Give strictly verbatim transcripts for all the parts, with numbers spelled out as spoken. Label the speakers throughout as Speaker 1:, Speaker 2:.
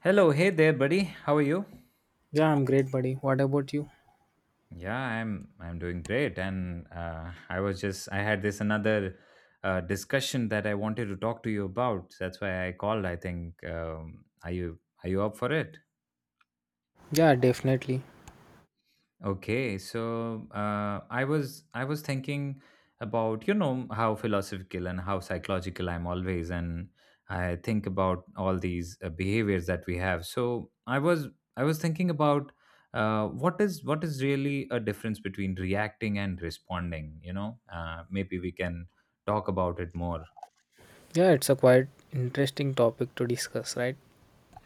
Speaker 1: Hello, hey there, buddy. How are you?
Speaker 2: Yeah, I'm great, buddy. What about you?
Speaker 1: Yeah, I'm I'm doing great, and uh, I was just I had this another uh, discussion that I wanted to talk to you about. That's why I called. I think um, are you are you up for it?
Speaker 2: Yeah, definitely.
Speaker 1: Okay, so uh, I was I was thinking about you know how philosophical and how psychological I'm always, and I think about all these uh, behaviors that we have. So I was I was thinking about uh, what is what is really a difference between reacting and responding. You know, uh, maybe we can talk about it more.
Speaker 2: Yeah, it's a quite interesting topic to discuss, right?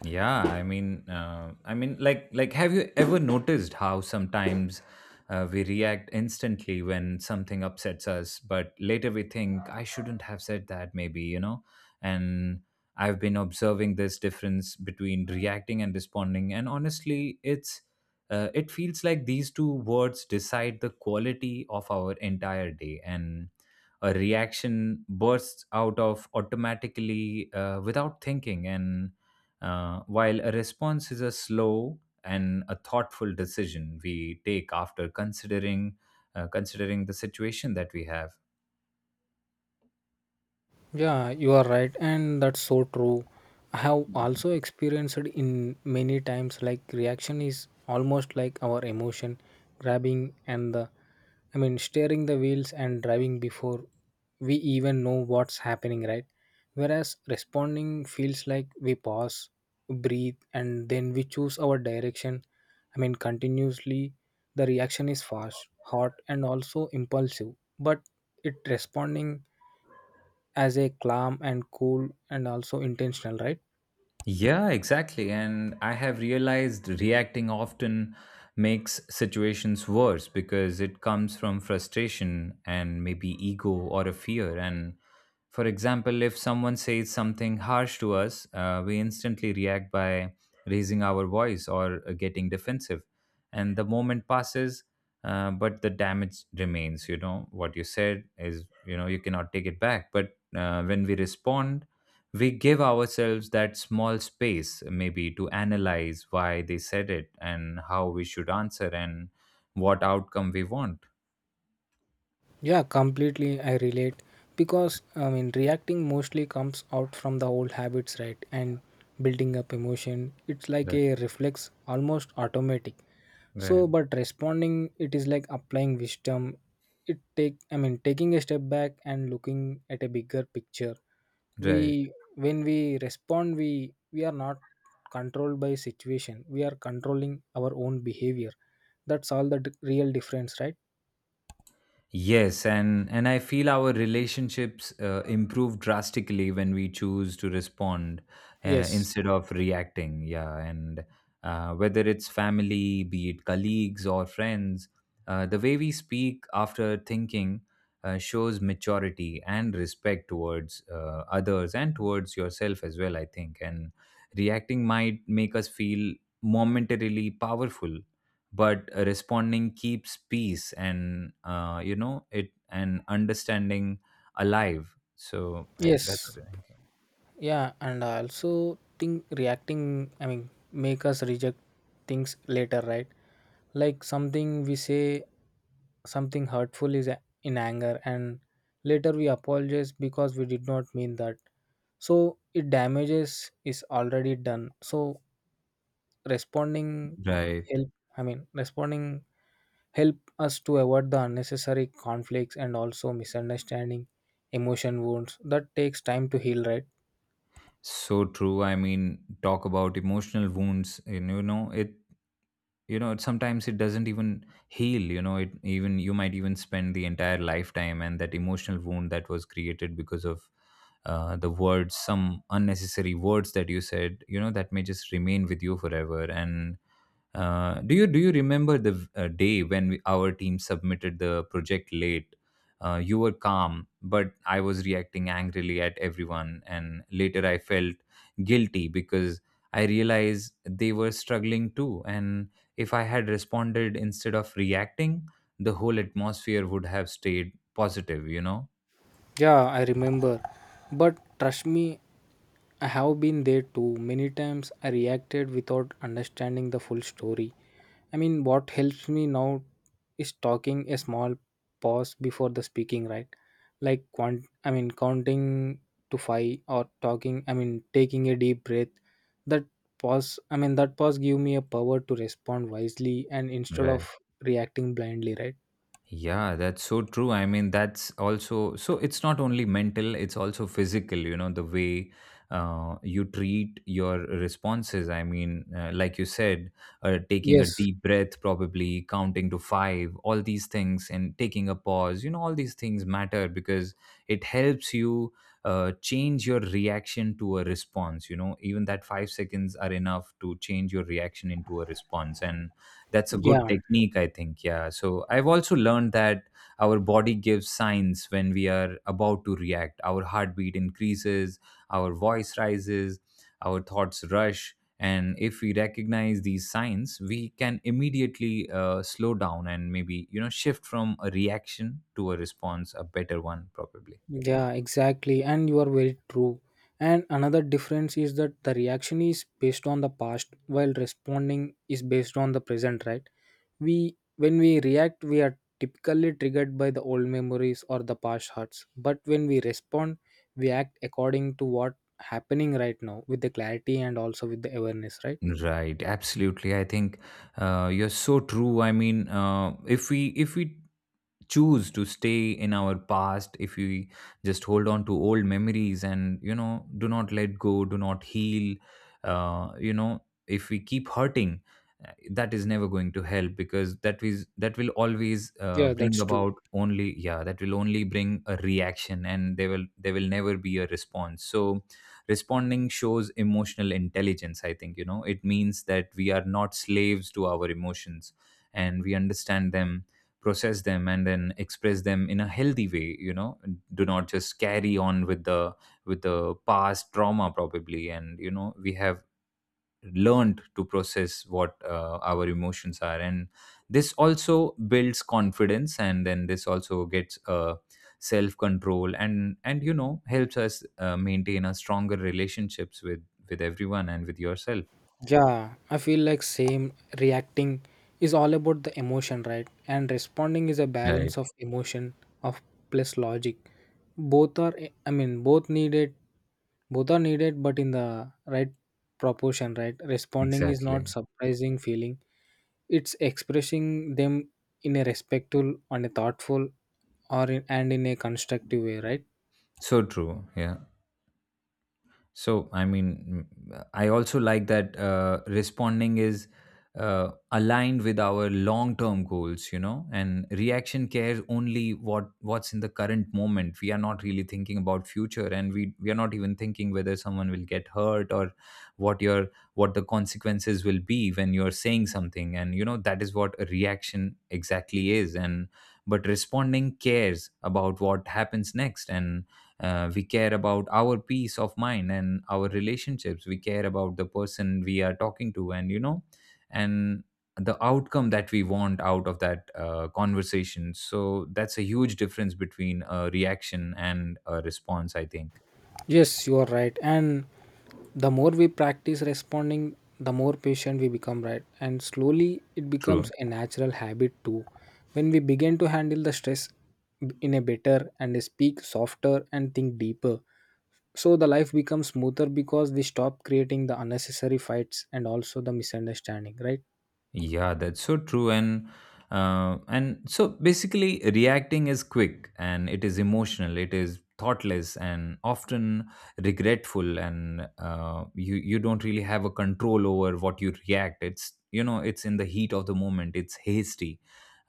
Speaker 1: Yeah, I mean, uh, I mean, like, like, have you ever noticed how sometimes uh, we react instantly when something upsets us, but later we think I shouldn't have said that, maybe you know? And I've been observing this difference between reacting and responding, and honestly, it's uh, it feels like these two words decide the quality of our entire day, and a reaction bursts out of automatically uh, without thinking and uh, while a response is a slow and a thoughtful decision we take after considering uh, considering the situation that we have.
Speaker 2: Yeah, you are right, and that's so true. I have also experienced it in many times like reaction is almost like our emotion grabbing and the I mean steering the wheels and driving before we even know what's happening, right? Whereas responding feels like we pause, breathe, and then we choose our direction. I mean, continuously, the reaction is fast, hot, and also impulsive, but it responding as a calm and cool and also intentional, right?
Speaker 1: Yeah, exactly. And I have realized reacting often makes situations worse because it comes from frustration and maybe ego or a fear. And for example, if someone says something harsh to us, uh, we instantly react by raising our voice or uh, getting defensive. And the moment passes, uh, but the damage remains. You know, what you said is, you know, you cannot take it back. But uh, when we respond, we give ourselves that small space, maybe, to analyze why they said it and how we should answer and what outcome we want.
Speaker 2: Yeah, completely. I relate because I mean, reacting mostly comes out from the old habits, right? And building up emotion, it's like
Speaker 1: Right.
Speaker 2: a reflex, almost automatic. So,
Speaker 1: Right.
Speaker 2: but responding, it is like applying wisdom. It take, I mean, Taking a step back and looking at a bigger picture.
Speaker 1: Right.
Speaker 2: We, when we respond, we we are not controlled by situation. We are controlling our own behavior. That's all the d- real difference, right?
Speaker 1: Yes, and and I feel our relationships uh, improve drastically when we choose to respond uh,
Speaker 2: Yes.
Speaker 1: instead of reacting. Yeah, and uh, whether it's family, be it colleagues or friends, uh, the way we speak after thinking uh, shows maturity and respect towards uh, others and towards yourself as well, I think. And reacting might make us feel momentarily powerful, but responding keeps peace and, uh, you know, it and understanding alive. So I, that's what
Speaker 2: Yes.
Speaker 1: I'm thinking.
Speaker 2: Yeah, and I also think reacting, I mean, make us reject things later, right? Like something we say, something hurtful is a- in anger, and later we apologize because we did not mean that. So it damages is already done. So responding
Speaker 1: Right.
Speaker 2: help, I mean, responding help us to avoid the unnecessary conflicts and also misunderstanding, emotion wounds that takes time to heal, right?
Speaker 1: So true. I mean, talk about emotional wounds, and you know it you know it, sometimes it doesn't even heal, you know it. Even you might even spend the entire lifetime, and that emotional wound that was created because of uh, the words, some unnecessary words that you said, you know, that may just remain with you forever. And Uh, do you do you remember the uh, day when we, our team submitted the project late? Uh, you were calm, but I was reacting angrily at everyone, and later I felt guilty because I realized they were struggling too. And if I had responded instead of reacting, the whole atmosphere would have stayed positive, you know.
Speaker 2: Yeah, I remember. But trust me, I have been there too. Many times I reacted without understanding the full story. I mean, what helps me now is talking a small pause before the speaking, right? Like, quant- I mean, counting to five or talking, I mean, taking a deep breath. That pause, I mean, that pause give me a power to respond wisely and instead of
Speaker 1: Right.
Speaker 2: reacting blindly, right?
Speaker 1: Yeah, that's so true. I mean, that's also, so it's not only mental, it's also physical, you know, the way uh, you treat your responses. I mean, uh, like you said, uh, taking a
Speaker 2: Yes.
Speaker 1: deep breath, probably counting to five, all these things, and taking a pause, you know, all these things matter because it helps you uh, change your reaction to a response. You know, even that five seconds are enough to change your reaction into a response. And that's a good
Speaker 2: Yeah.
Speaker 1: technique, I think. Yeah, so I've also learned that our body gives signs when we are about to react. Our heartbeat increases, our voice rises, our thoughts rush, and if we recognize these signs, we can immediately uh, slow down and maybe, you know, shift from a reaction to a response, a better one probably.
Speaker 2: Yeah, exactly. And you are very true. And another difference is that the reaction is based on the past while responding is based on the present, right? We When we react, we are typically triggered by the old memories or the past hurts. But when we respond, we act according to what happening right now with the clarity and also with the awareness, right?
Speaker 1: Right, absolutely. I think uh, you're so true. I mean, uh, if we if we choose to stay in our past, if we just hold on to old memories and, you know, do not let go, do not heal, uh, you know, if we keep hurting, uh, that is never going to help, because that is, that will always uh,
Speaker 2: Yeah,
Speaker 1: bring
Speaker 2: that's true.
Speaker 1: about only, yeah, that will only bring a reaction, and there will there will never be a response. So responding shows emotional intelligence, I think. You know, it means that we are not slaves to our emotions, and we understand them, process them, and then express them in a healthy way. You know, do not just carry on with the with the past trauma probably, and you know, we have learned to process what uh, our emotions are. And this also builds confidence, and then this also gets uh, self control, and and you know, helps us uh, maintain a stronger relationships with with everyone and with yourself.
Speaker 2: Yeah, I feel like same reacting is all about the emotion, right? And responding is a
Speaker 1: Right.
Speaker 2: balance of emotion of plus logic. Both are I mean both needed, both are needed but in the right proportion, right? Responding is not
Speaker 1: Exactly.
Speaker 2: surprising feeling. It's expressing them in a respectful and a thoughtful or in, and in a constructive way, right?
Speaker 1: So true. Yeah. So, I mean, mm, I also like that uh, responding is uh, aligned with our long-term goals, you know, and reaction cares only what, what's in the current moment. We are not really thinking about future, and we we are not even thinking whether someone will get hurt, or what your, what the consequences will be when you're saying something. And you know, that is what a reaction exactly is. And but responding cares about what happens next, and uh, we care about our peace of mind and our relationships. We care about the person we are talking to, and you know, and the outcome that we want out of that uh, conversation. So that's a huge difference between a reaction and a response, I think.
Speaker 2: Yes, you are right. And the more we practice responding, the more patient we become, right? And slowly it
Speaker 1: True.
Speaker 2: becomes a natural habit too. When we begin to handle the stress in a better and speak softer and think deeper. So the life becomes smoother because we stop creating the unnecessary fights and also the misunderstanding, right?
Speaker 1: Yeah, that's so true. And uh, and so basically, reacting is quick and it is emotional. It is thoughtless and often regretful. And uh, you you don't really have a control over what you react. It's, you know, it's in the heat of the moment. It's hasty.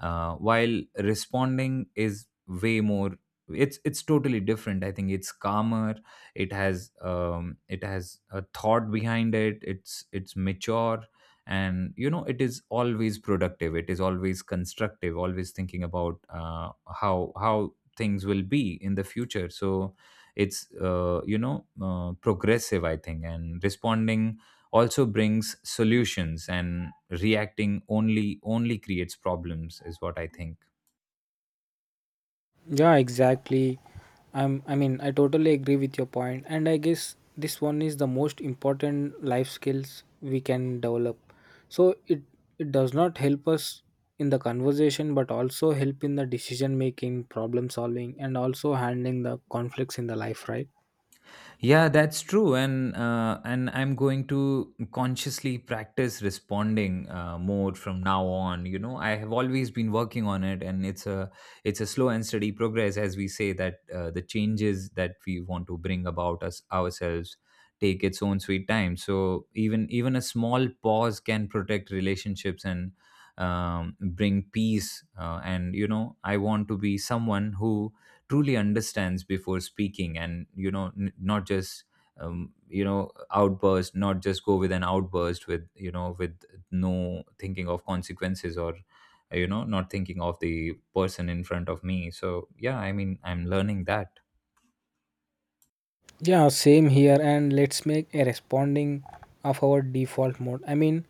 Speaker 1: Uh, while responding is way more. It's it's totally different, I think. It's calmer. It has um, it has a thought behind it. It's it's mature, and you know, it is always productive, it is always constructive, always thinking about uh, how how things will be in the future. So it's, uh, you know, uh, progressive, I think. And responding also brings solutions, and reacting only, only creates problems, is what I think.
Speaker 2: Yeah, exactly. I'm. I mean, I totally agree with your point, and I guess this one is the most important life skills we can develop. So it it does not help us in the conversation, but also help in the decision making, problem solving, and also handling the conflicts in the life, right?
Speaker 1: Yeah, that's true, and uh, and I'm going to consciously practice responding uh, more from now on. You know, I have always been working on it, and it's a it's a slow and steady progress, as we say that uh, the changes that we want to bring about us ourselves take its own sweet time. So even even a small pause can protect relationships and um, bring peace. Uh, and you know, I want to be someone who truly understands before speaking, and you know, n- not just um, you know, outburst, not just go with an outburst with, you know, with no thinking of consequences, or uh, you know, not thinking of the person in front of me. So yeah, I mean, I'm learning that.
Speaker 2: Yeah, same here. And let's make a responding of our default mode. I mean,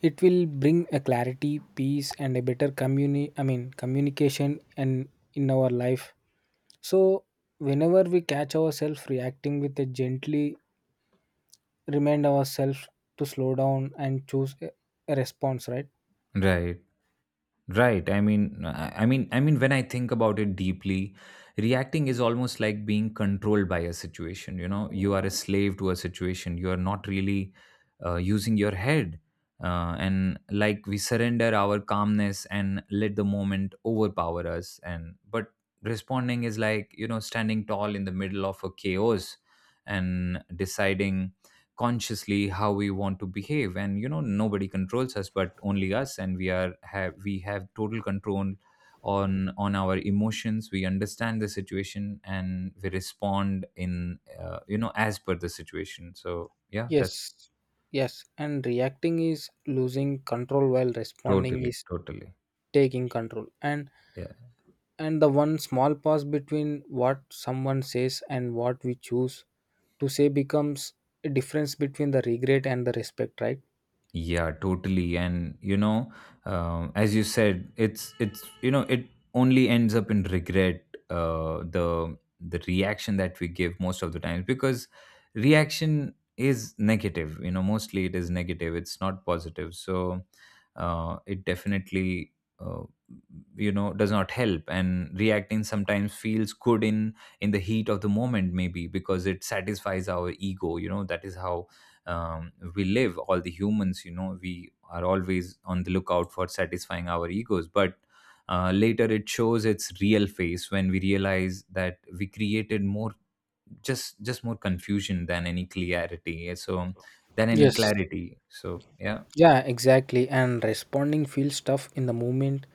Speaker 2: it will bring a clarity, peace, and a better communi. I mean, communication and in our life. So, whenever we catch ourselves reacting with a gently remind ourselves to slow down and choose a a response, right?
Speaker 1: Right. Right. I mean, I I mean, I mean, when I think about it deeply, reacting is almost like being controlled by a situation. You know, you are a slave to a situation. You are not really uh, using your head, uh, and like we surrender our calmness and let the moment overpower us. And but responding is, like, you know, standing tall in the middle of a chaos and deciding consciously how we want to behave. And you know, nobody controls us but only us, and we are have we have total control on on our emotions. We understand the situation and we respond in, uh, you know, as per the situation. So yeah, that's
Speaker 2: Yes. Yes. And reacting is losing control while responding
Speaker 1: totally,
Speaker 2: is
Speaker 1: totally
Speaker 2: taking control. And
Speaker 1: yeah.
Speaker 2: and the one small pause between what someone says and what we choose to say becomes a difference between the regret and the respect, right?
Speaker 1: Yeah, totally. And you know, um, as you said, it's it's you know, it only ends up in regret. Uh, the the reaction that we give most of the times, because reaction is negative. You know, mostly it is negative. It's not positive. So uh, it definitely, uh, you know, does not help. And reacting sometimes feels good in in the heat of the moment, maybe because it satisfies our ego. You know, that is how um, we live. All the humans, you know we are always on the lookout for satisfying our egos, but uh, later it shows its real face when we realize that we created more just just more confusion than any clarity. So than any
Speaker 2: Yes.
Speaker 1: clarity so yeah.
Speaker 2: Yeah, exactly. And responding feels tough in the moment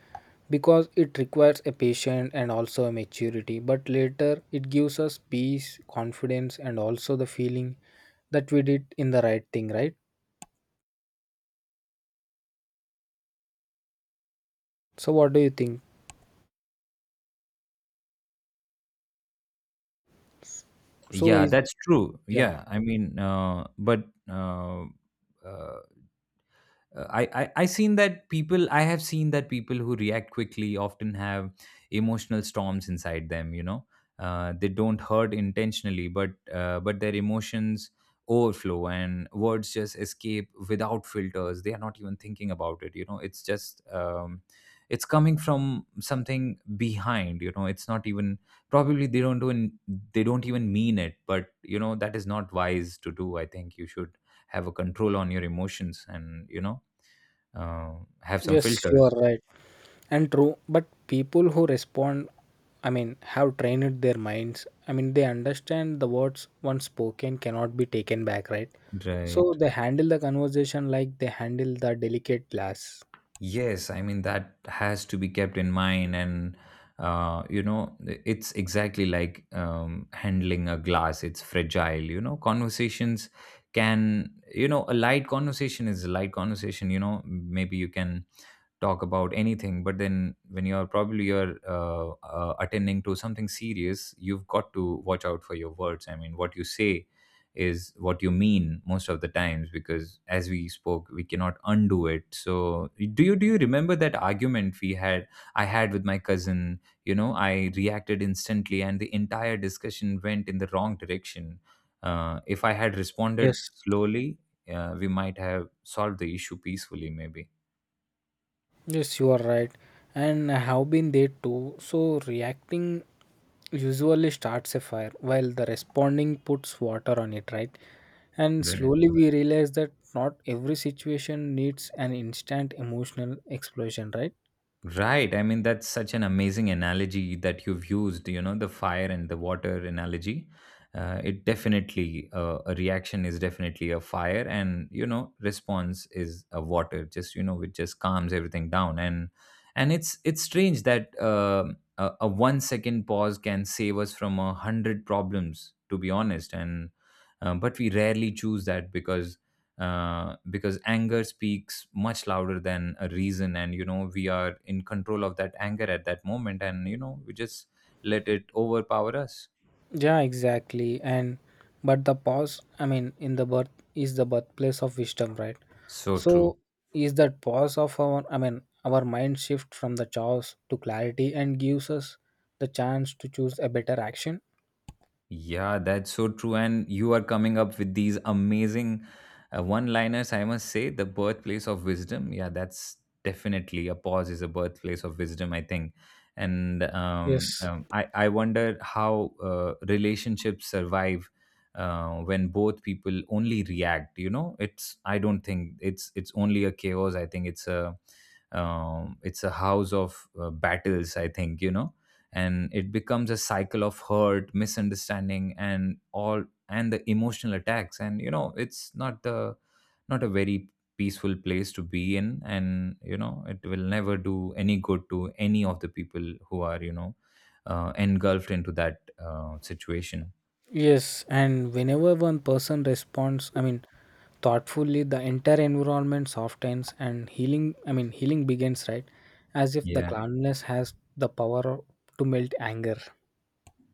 Speaker 2: because it requires a patience and also a maturity. But later, it gives us peace, confidence, and also the feeling that we did in the right thing, right? So, what do you think? So,
Speaker 1: Yeah,
Speaker 2: is
Speaker 1: that's true.
Speaker 2: yeah,
Speaker 1: Yeah, I mean, uh, but uh, uh, uh, I, I I seen that people I have seen that people who react quickly often have emotional storms inside them, you know uh, they don't hurt intentionally, but uh, but their emotions overflow and words just escape without filters. They are not even thinking about it, you know it's just um, it's coming from something behind, you know it's not even— probably they don't even— they don't even mean it. But you know, that is not wise to do, I think. You should have a control on your emotions, and you know, uh, have some
Speaker 2: yes, you are
Speaker 1: filters.
Speaker 2: right and true. But people who respond, I mean, have trained their minds. I mean, they understand the words once spoken cannot be taken back, right? So,
Speaker 1: Right.
Speaker 2: they handle the conversation like they handle the delicate glass.
Speaker 1: Yes, I mean, that has to be kept in mind. And uh, you know, it's exactly like um, handling a glass. It's fragile, you know. Conversations can, you know, a light conversation is a light conversation, you know, maybe you can talk about anything. But then when you're probably you're uh, uh, attending to something serious, you've got to watch out for your words. I mean, what you say is what you mean most of the times, because as we spoke, we cannot undo it. So do you do you remember that argument we had— I had with my cousin? You know, I reacted instantly and the entire discussion went in the wrong direction. Uh, if I had responded
Speaker 2: Yes,
Speaker 1: slowly, uh, we might have solved the issue peacefully, maybe.
Speaker 2: yes, you are right. And I have been there too. So reacting usually starts a fire while the responding puts water on it, right? And
Speaker 1: Right.
Speaker 2: slowly we realize that not every situation needs an instant emotional explosion, right?
Speaker 1: Right. I mean, that's such an amazing analogy that you've used, you know, the fire and the water analogy. Uh, it definitely, uh, a reaction is definitely a fire, and, you know, response is a water. Just, you know, it just calms everything down. And, and it's, it's strange that um a, a one second pause can save us from a hundred problems, to be honest. And, uh, but we rarely choose that, because uh, because anger speaks much louder than a reason. And you know, we are in control of that anger at that moment, and you know, we just let it overpower us.
Speaker 2: Yeah, exactly. And but the pause, I mean, in the birth is the birthplace of wisdom, right?
Speaker 1: So true.
Speaker 2: So is that pause of our, I mean, our mind shift from the chaos to clarity and gives us the chance to choose a better action?
Speaker 1: Yeah, that's so true. And you are coming up with these amazing uh, one liners. I must say, the birthplace of wisdom. Yeah, that's definitely— a pause is a birthplace of wisdom, I think. And um,
Speaker 2: Yes.
Speaker 1: um, I, I wonder how uh, relationships survive uh, when both people only react. You know, it's, I don't think it's, it's only a chaos. I think it's a, um, it's a house of uh, battles, I think, you know. And it becomes a cycle of hurt, misunderstanding, and all, and the emotional attacks. And you know, it's not the— not a very peaceful place to be in. And you know, it will never do any good to any of the people who are, you know, uh, engulfed into that uh, situation.
Speaker 2: Yes. And whenever one person responds, I mean, thoughtfully, the entire environment softens and healing, I mean, healing begins, right? As if the
Speaker 1: Yeah.
Speaker 2: calmness has the power to melt anger.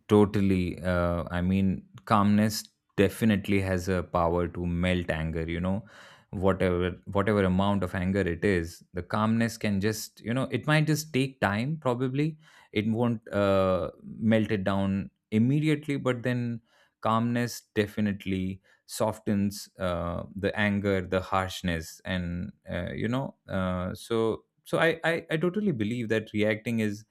Speaker 1: Totally. Uh, I mean, calmness definitely has a power to melt anger. You know, whatever whatever amount of anger it is, the calmness can just, you know, it might just take time. Probably it won't uh, melt it down immediately, but then calmness definitely softens uh, the anger, the harshness, and uh, you know. Uh, so so I, I I totally believe that reacting is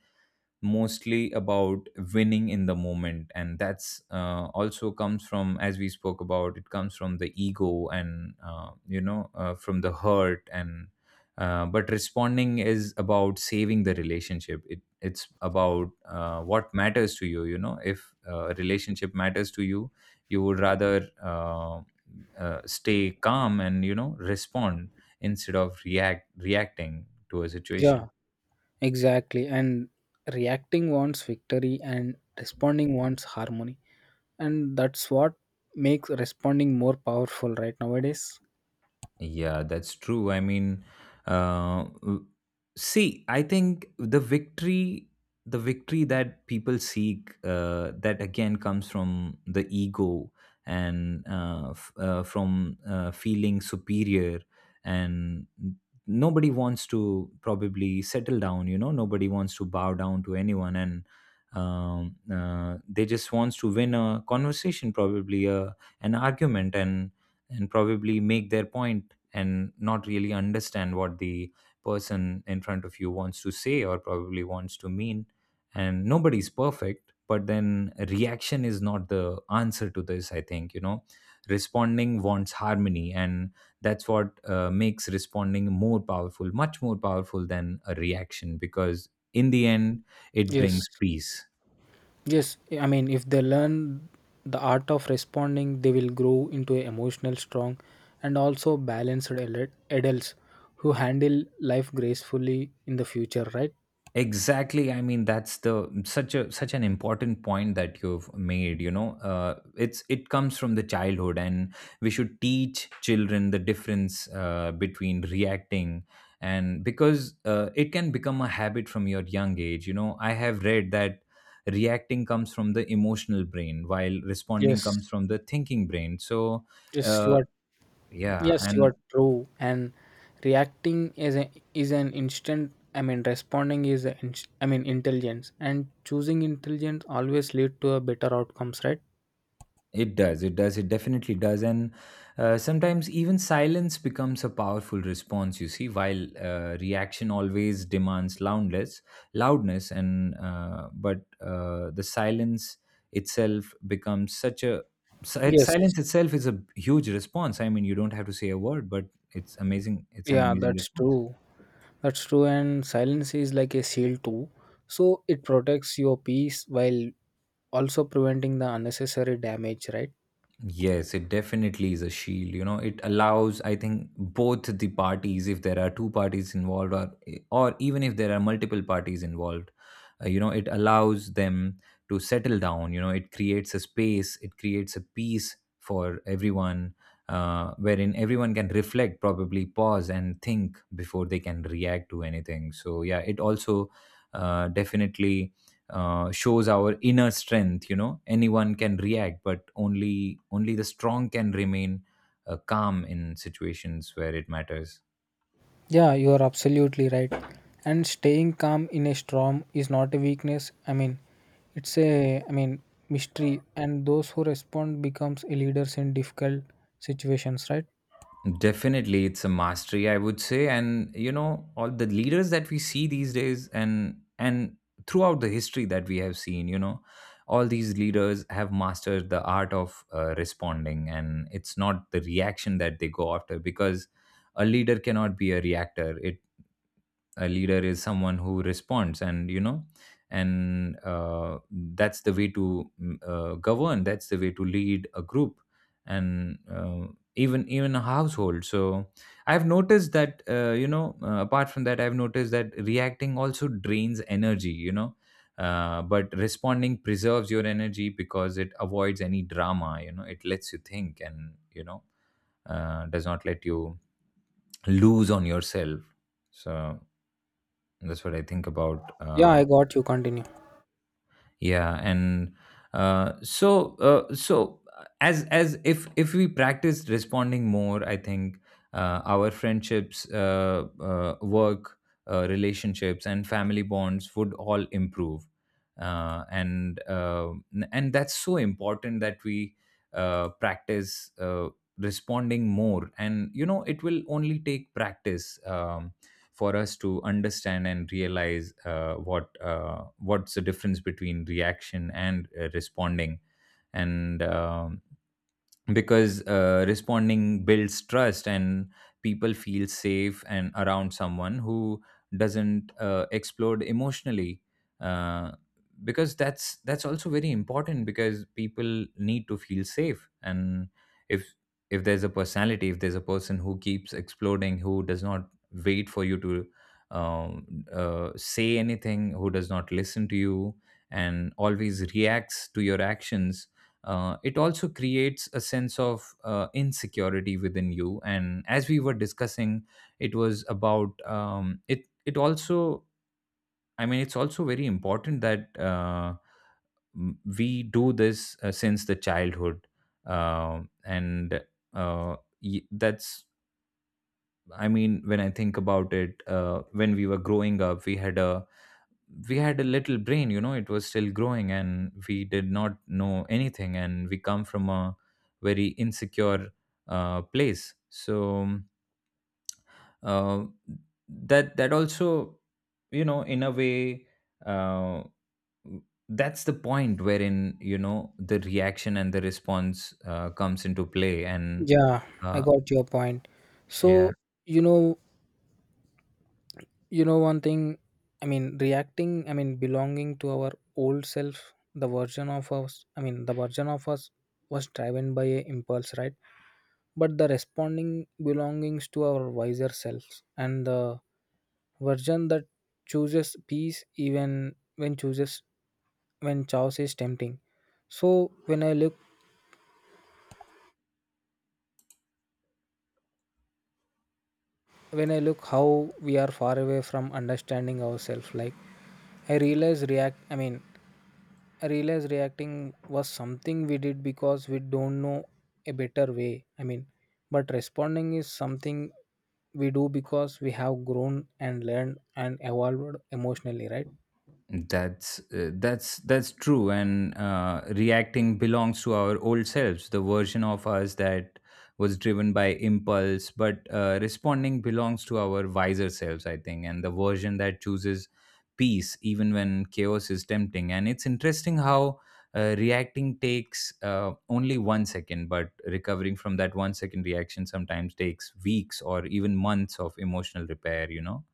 Speaker 1: mostly about winning in the moment. And that's uh, also comes from, as we spoke about, it comes from the ego and uh, you know, uh, from the hurt. And uh, but responding is about saving the relationship. It it's about uh, what matters to you. You know, if uh, a relationship matters to you, you would rather uh, uh, stay calm and, you know, respond instead of react— reacting to a situation.
Speaker 2: Yeah. Exactly. And reacting wants victory and responding wants harmony. And that's what makes responding more powerful right nowadays.
Speaker 1: Yeah, that's true. I mean, uh, w- see, I think the victory, the victory that people seek, uh, that again comes from the ego and uh, f- uh, from uh, feeling superior. And nobody wants to probably settle down. You know, nobody wants to bow down to anyone. And um, uh, they just wants to win a conversation, probably a— an argument, and— and probably make their point and not really understand what the person in front of you wants to say, or probably wants to mean. And nobody's perfect, but then reaction is not the answer to this, I think. You know, responding wants harmony, and that's what uh, makes responding more powerful, much more powerful than a reaction, because in the end it
Speaker 2: Yes.
Speaker 1: brings peace.
Speaker 2: Yes. I mean, if they learn the art of responding, they will grow into a emotional, strong, and also balanced adult- adults who handle life gracefully in the future, right?
Speaker 1: Exactly. I mean, that's the— such a such an important point that you've made. You know, uh, it's— it comes from the childhood, and we should teach children the difference uh, between reacting and— because uh, it can become a habit from your young age. You know, I have read that reacting comes from the emotional brain while responding
Speaker 2: Yes.
Speaker 1: comes from the thinking brain. So
Speaker 2: Yes, you
Speaker 1: uh,
Speaker 2: are
Speaker 1: yeah.
Speaker 2: Yes, you
Speaker 1: And
Speaker 2: are true. And reacting is a, is an instant. I mean, responding is a, inst- I mean intelligence, and choosing intelligence always lead to a better outcomes, right?
Speaker 1: it does. It does. It definitely does. And uh, sometimes even silence becomes a powerful response. You see, while uh, reaction always demands loudness, loudness, and uh, but uh, the silence itself becomes such a— si-
Speaker 2: Yes.
Speaker 1: silence itself is a huge response. I mean, you don't have to say a word, but it's amazing. It's an
Speaker 2: Yeah,
Speaker 1: amazing
Speaker 2: that's
Speaker 1: response.
Speaker 2: true. That's true. And silence is like a shield too. So it protects your peace while also preventing the unnecessary damage, right?
Speaker 1: Yes, it definitely is a shield. You know, it allows, I think, both the parties, if there are two parties involved, or or even if there are multiple parties involved, uh, you know, it allows them to settle down. You know, it creates a space, it creates a peace for everyone, uh, wherein everyone can reflect, probably pause and think before they can react to anything. So yeah, it also uh, definitely uh, shows our inner strength. You know, anyone can react, but only only the strong can remain uh, calm in situations where it matters.
Speaker 2: Yeah, you are absolutely right. And staying calm in a storm is not a weakness. I mean, it's a I mean mystery. And those who respond becomes a leaders in difficult situations, right?
Speaker 1: Definitely, it's a mastery, I would say. And you know, all the leaders that we see these days, and and throughout the history that we have seen, you know, all these leaders have mastered the art of uh, responding. And it's not the reaction that they go after, because a leader cannot be a reactor. It— a leader is someone who responds. And you know, and uh, that's the way to mm, uh, govern, that's the way to lead a group and uh, even even a household. So I've noticed that uh, you know, uh, apart from that, I've noticed that reacting also drains energy. You know, uh, but responding preserves your energy because it avoids any drama. You know, it lets you think, and you know, uh, does not let you lose on yourself. So that's what I think about.
Speaker 2: Yeah,
Speaker 1: Uh,
Speaker 2: I got you. Continue.
Speaker 1: yeah, and uh, so uh, so uh, as— as if— if we practice responding more, I think uh, our friendships, uh, uh, work uh, relationships, and family bonds would all improve. Uh, and uh, n- and that's so important that we uh, practice uh, responding more. And you know, it will only take practice. Um, for us to understand and realize uh, what uh, what's the difference between reaction and uh, responding. And um because uh, responding builds trust, and people feel safe and around someone who doesn't uh, explode emotionally. uh, because that's— that's also very important, because people need to feel safe. And if— if there's a personality, if there's a person who keeps exploding, who does not wait for you to um, uh, say anything, who does not listen to you and always reacts to your actions, uh, it also creates a sense of uh, insecurity within you. And as we were discussing, it was about um, it. It also, I mean, it's also very important that uh, m- we do this uh, since the childhood, uh, and uh, y- that's— I mean, when I think about it, uh, when we were growing up, we had a— we had a little brain. You know, it was still growing and we did not know anything, and we come from a very insecure uh, place. So uh, that— that also, you know, in a way, uh, that's the point wherein, you know, the reaction and the response uh, comes into play. And
Speaker 2: Yeah, I
Speaker 1: uh,
Speaker 2: got your point.
Speaker 1: yeah.
Speaker 2: So, you know, you know one thing, I mean, reacting, I mean, belonging to our old self, the version of us, I mean, the version of us was driven by a impulse, right? But the responding belongs to our wiser selves and the version that chooses peace even when chooses when chaos is tempting. So when i look when I look how we are far away from understanding ourselves, like i realize react i mean I realize reacting was something we did because we don't know a better way. I mean, but responding is something we do because we have grown and learned and evolved emotionally, right?
Speaker 1: That's uh, that's that's true. And uh, reacting belongs to our old selves, the version of us that was driven by impulse. But uh, responding belongs to our wiser selves, I think, and the version that chooses peace even when chaos is tempting. And it's interesting how uh, reacting takes uh, only one second, but recovering from that one second reaction sometimes takes weeks or even months of emotional repair. You know,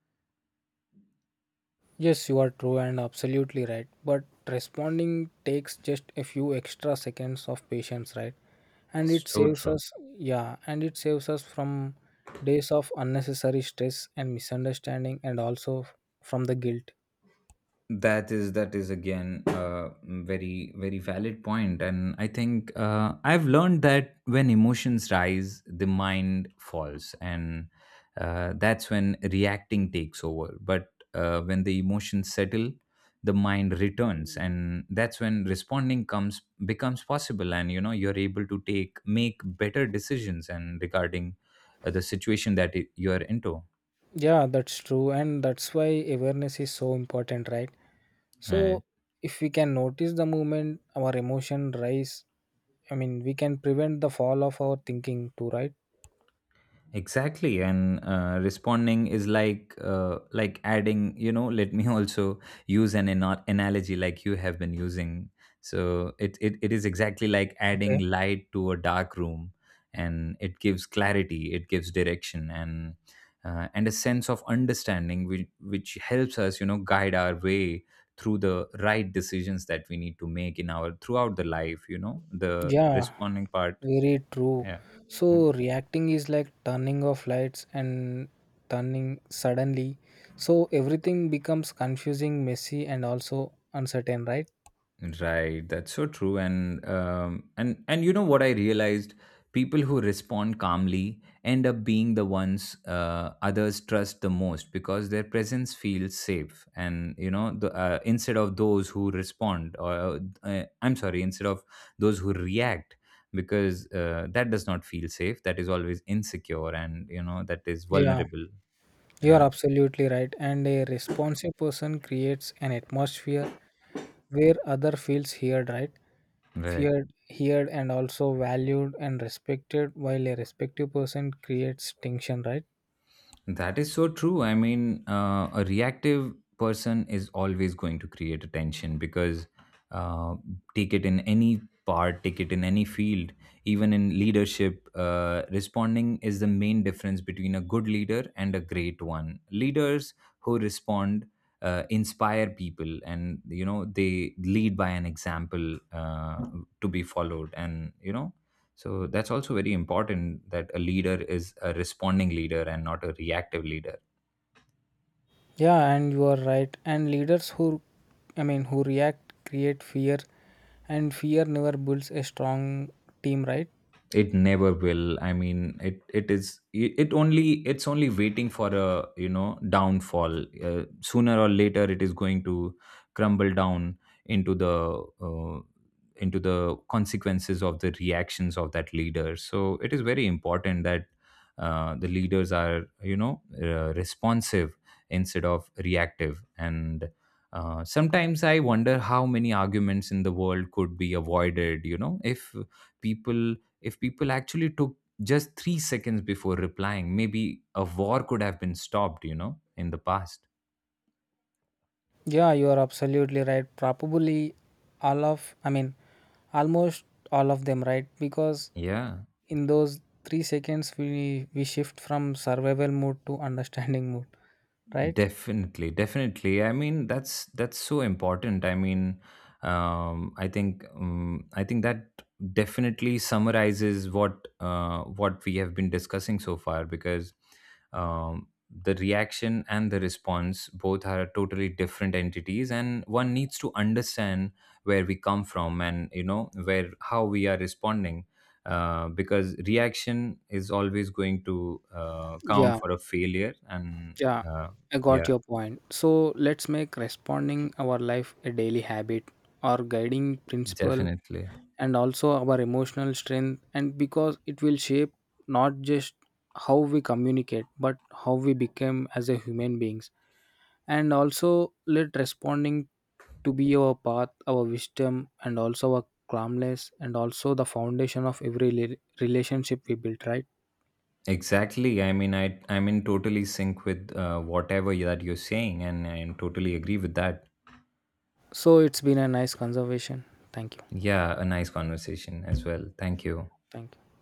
Speaker 2: Yes, you are true and absolutely right. But responding takes just a few extra seconds of patience, right? And it
Speaker 1: so
Speaker 2: saves
Speaker 1: true.
Speaker 2: us, yeah, and it saves us from days of unnecessary stress and misunderstanding and also from the guilt.
Speaker 1: That is— that is again a very very valid point. And I think uh, I've learned that when emotions rise, the mind falls. And uh, that's when reacting takes over. But uh, when the emotions settle, the mind returns, and that's when responding comes— becomes possible. And you know, you're able to take— make better decisions and regarding uh, the situation that y- you're into.
Speaker 2: Yeah, that's true. And that's why awareness is so important, right?
Speaker 1: uh,
Speaker 2: So, if we can notice the movement, our emotion rise, I mean, we can prevent the fall of our thinking too, right?
Speaker 1: exactly. And uh, responding is like uh, like adding, you know, let me also use an ana- analogy like you have been using. So it, it it is exactly like adding
Speaker 2: Okay.
Speaker 1: light to a dark room. And it gives clarity, it gives direction, and uh, and a sense of understanding which, which helps us, you know, guide our way through the right decisions that we need to make in our— throughout the life. You know, the
Speaker 2: Yeah,
Speaker 1: responding part.
Speaker 2: very true.
Speaker 1: Yeah. Hmm.
Speaker 2: So reacting is like turning off lights and turning suddenly. So everything becomes confusing, messy, and also uncertain, right?
Speaker 1: Right, that's so true. And um, and and you know what I realized? People who respond calmly end up being the ones uh, others trust the most, because their presence feels safe. And you know, the, uh, instead of those who respond, or uh, uh, I'm sorry, instead of those who react, because uh, that does not feel safe. That is always insecure, and you know, that is
Speaker 2: Yeah,
Speaker 1: vulnerable.
Speaker 2: you are
Speaker 1: Yeah,
Speaker 2: absolutely right. And a responsive person creates an atmosphere where other feels heard, right?
Speaker 1: right.
Speaker 2: Feared, heard, and also valued and respected, while a respective person creates tension, right?
Speaker 1: That is so true. I mean, uh, a reactive person is always going to create a tension. Because uh, take it in any part, take it in any field, even in leadership, uh, responding is the main difference between a good leader and a great one. Leaders who respond uh, inspire people, and you know, they lead by an example uh, to be followed. And you know, so that's also very important, that a leader is a responding leader and not a reactive leader.
Speaker 2: Yeah, and you are right. And leaders who, I mean, who react create fear, and fear never builds a strong team, right?
Speaker 1: It never will. I mean, it— it is— it— it only— it's only waiting for a, you know, downfall. Uh, sooner or later it is going to crumble down into the uh, into the consequences of the reactions of that leader. So it is very important that uh, the leaders are, you know, uh, responsive instead of reactive. And uh, sometimes I wonder how many arguments in the world could be avoided, you know, if people— if people actually took just three seconds before replying. Maybe a war could have been stopped, you know, in the past.
Speaker 2: Yeah, you are absolutely right. Probably all of, I mean, almost all of them, right? Because
Speaker 1: Yeah.
Speaker 2: in those three seconds, we we shift from survival mode to understanding mode, right?
Speaker 1: Definitely, definitely. I mean, that's— that's so important. I mean, um i think um, I think that definitely summarizes what uh, what we have been discussing so far. Because um the reaction and the response both are totally different entities, and one needs to understand where we come from, and you know, where— how we are responding. Uh, because reaction is always going to uh, count
Speaker 2: Yeah,
Speaker 1: for a failure. And
Speaker 2: yeah,
Speaker 1: uh.
Speaker 2: I got
Speaker 1: Yeah,
Speaker 2: your point. So let's make responding our life a daily habit or guiding principle
Speaker 1: definitely.
Speaker 2: and also our emotional strength, and because it will shape not just how we communicate but how we become as a human beings. And also let responding to be our path, our wisdom, and also our calmness, and also the foundation of every rela- relationship we build, right?
Speaker 1: Exactly. I mean, I I'm in totally sync with uh, whatever you- that you're saying, and I am totally agree with that.
Speaker 2: So it's been a nice conversation. Thank you.
Speaker 1: Yeah, a nice conversation as well. Thank you.
Speaker 2: Thank you.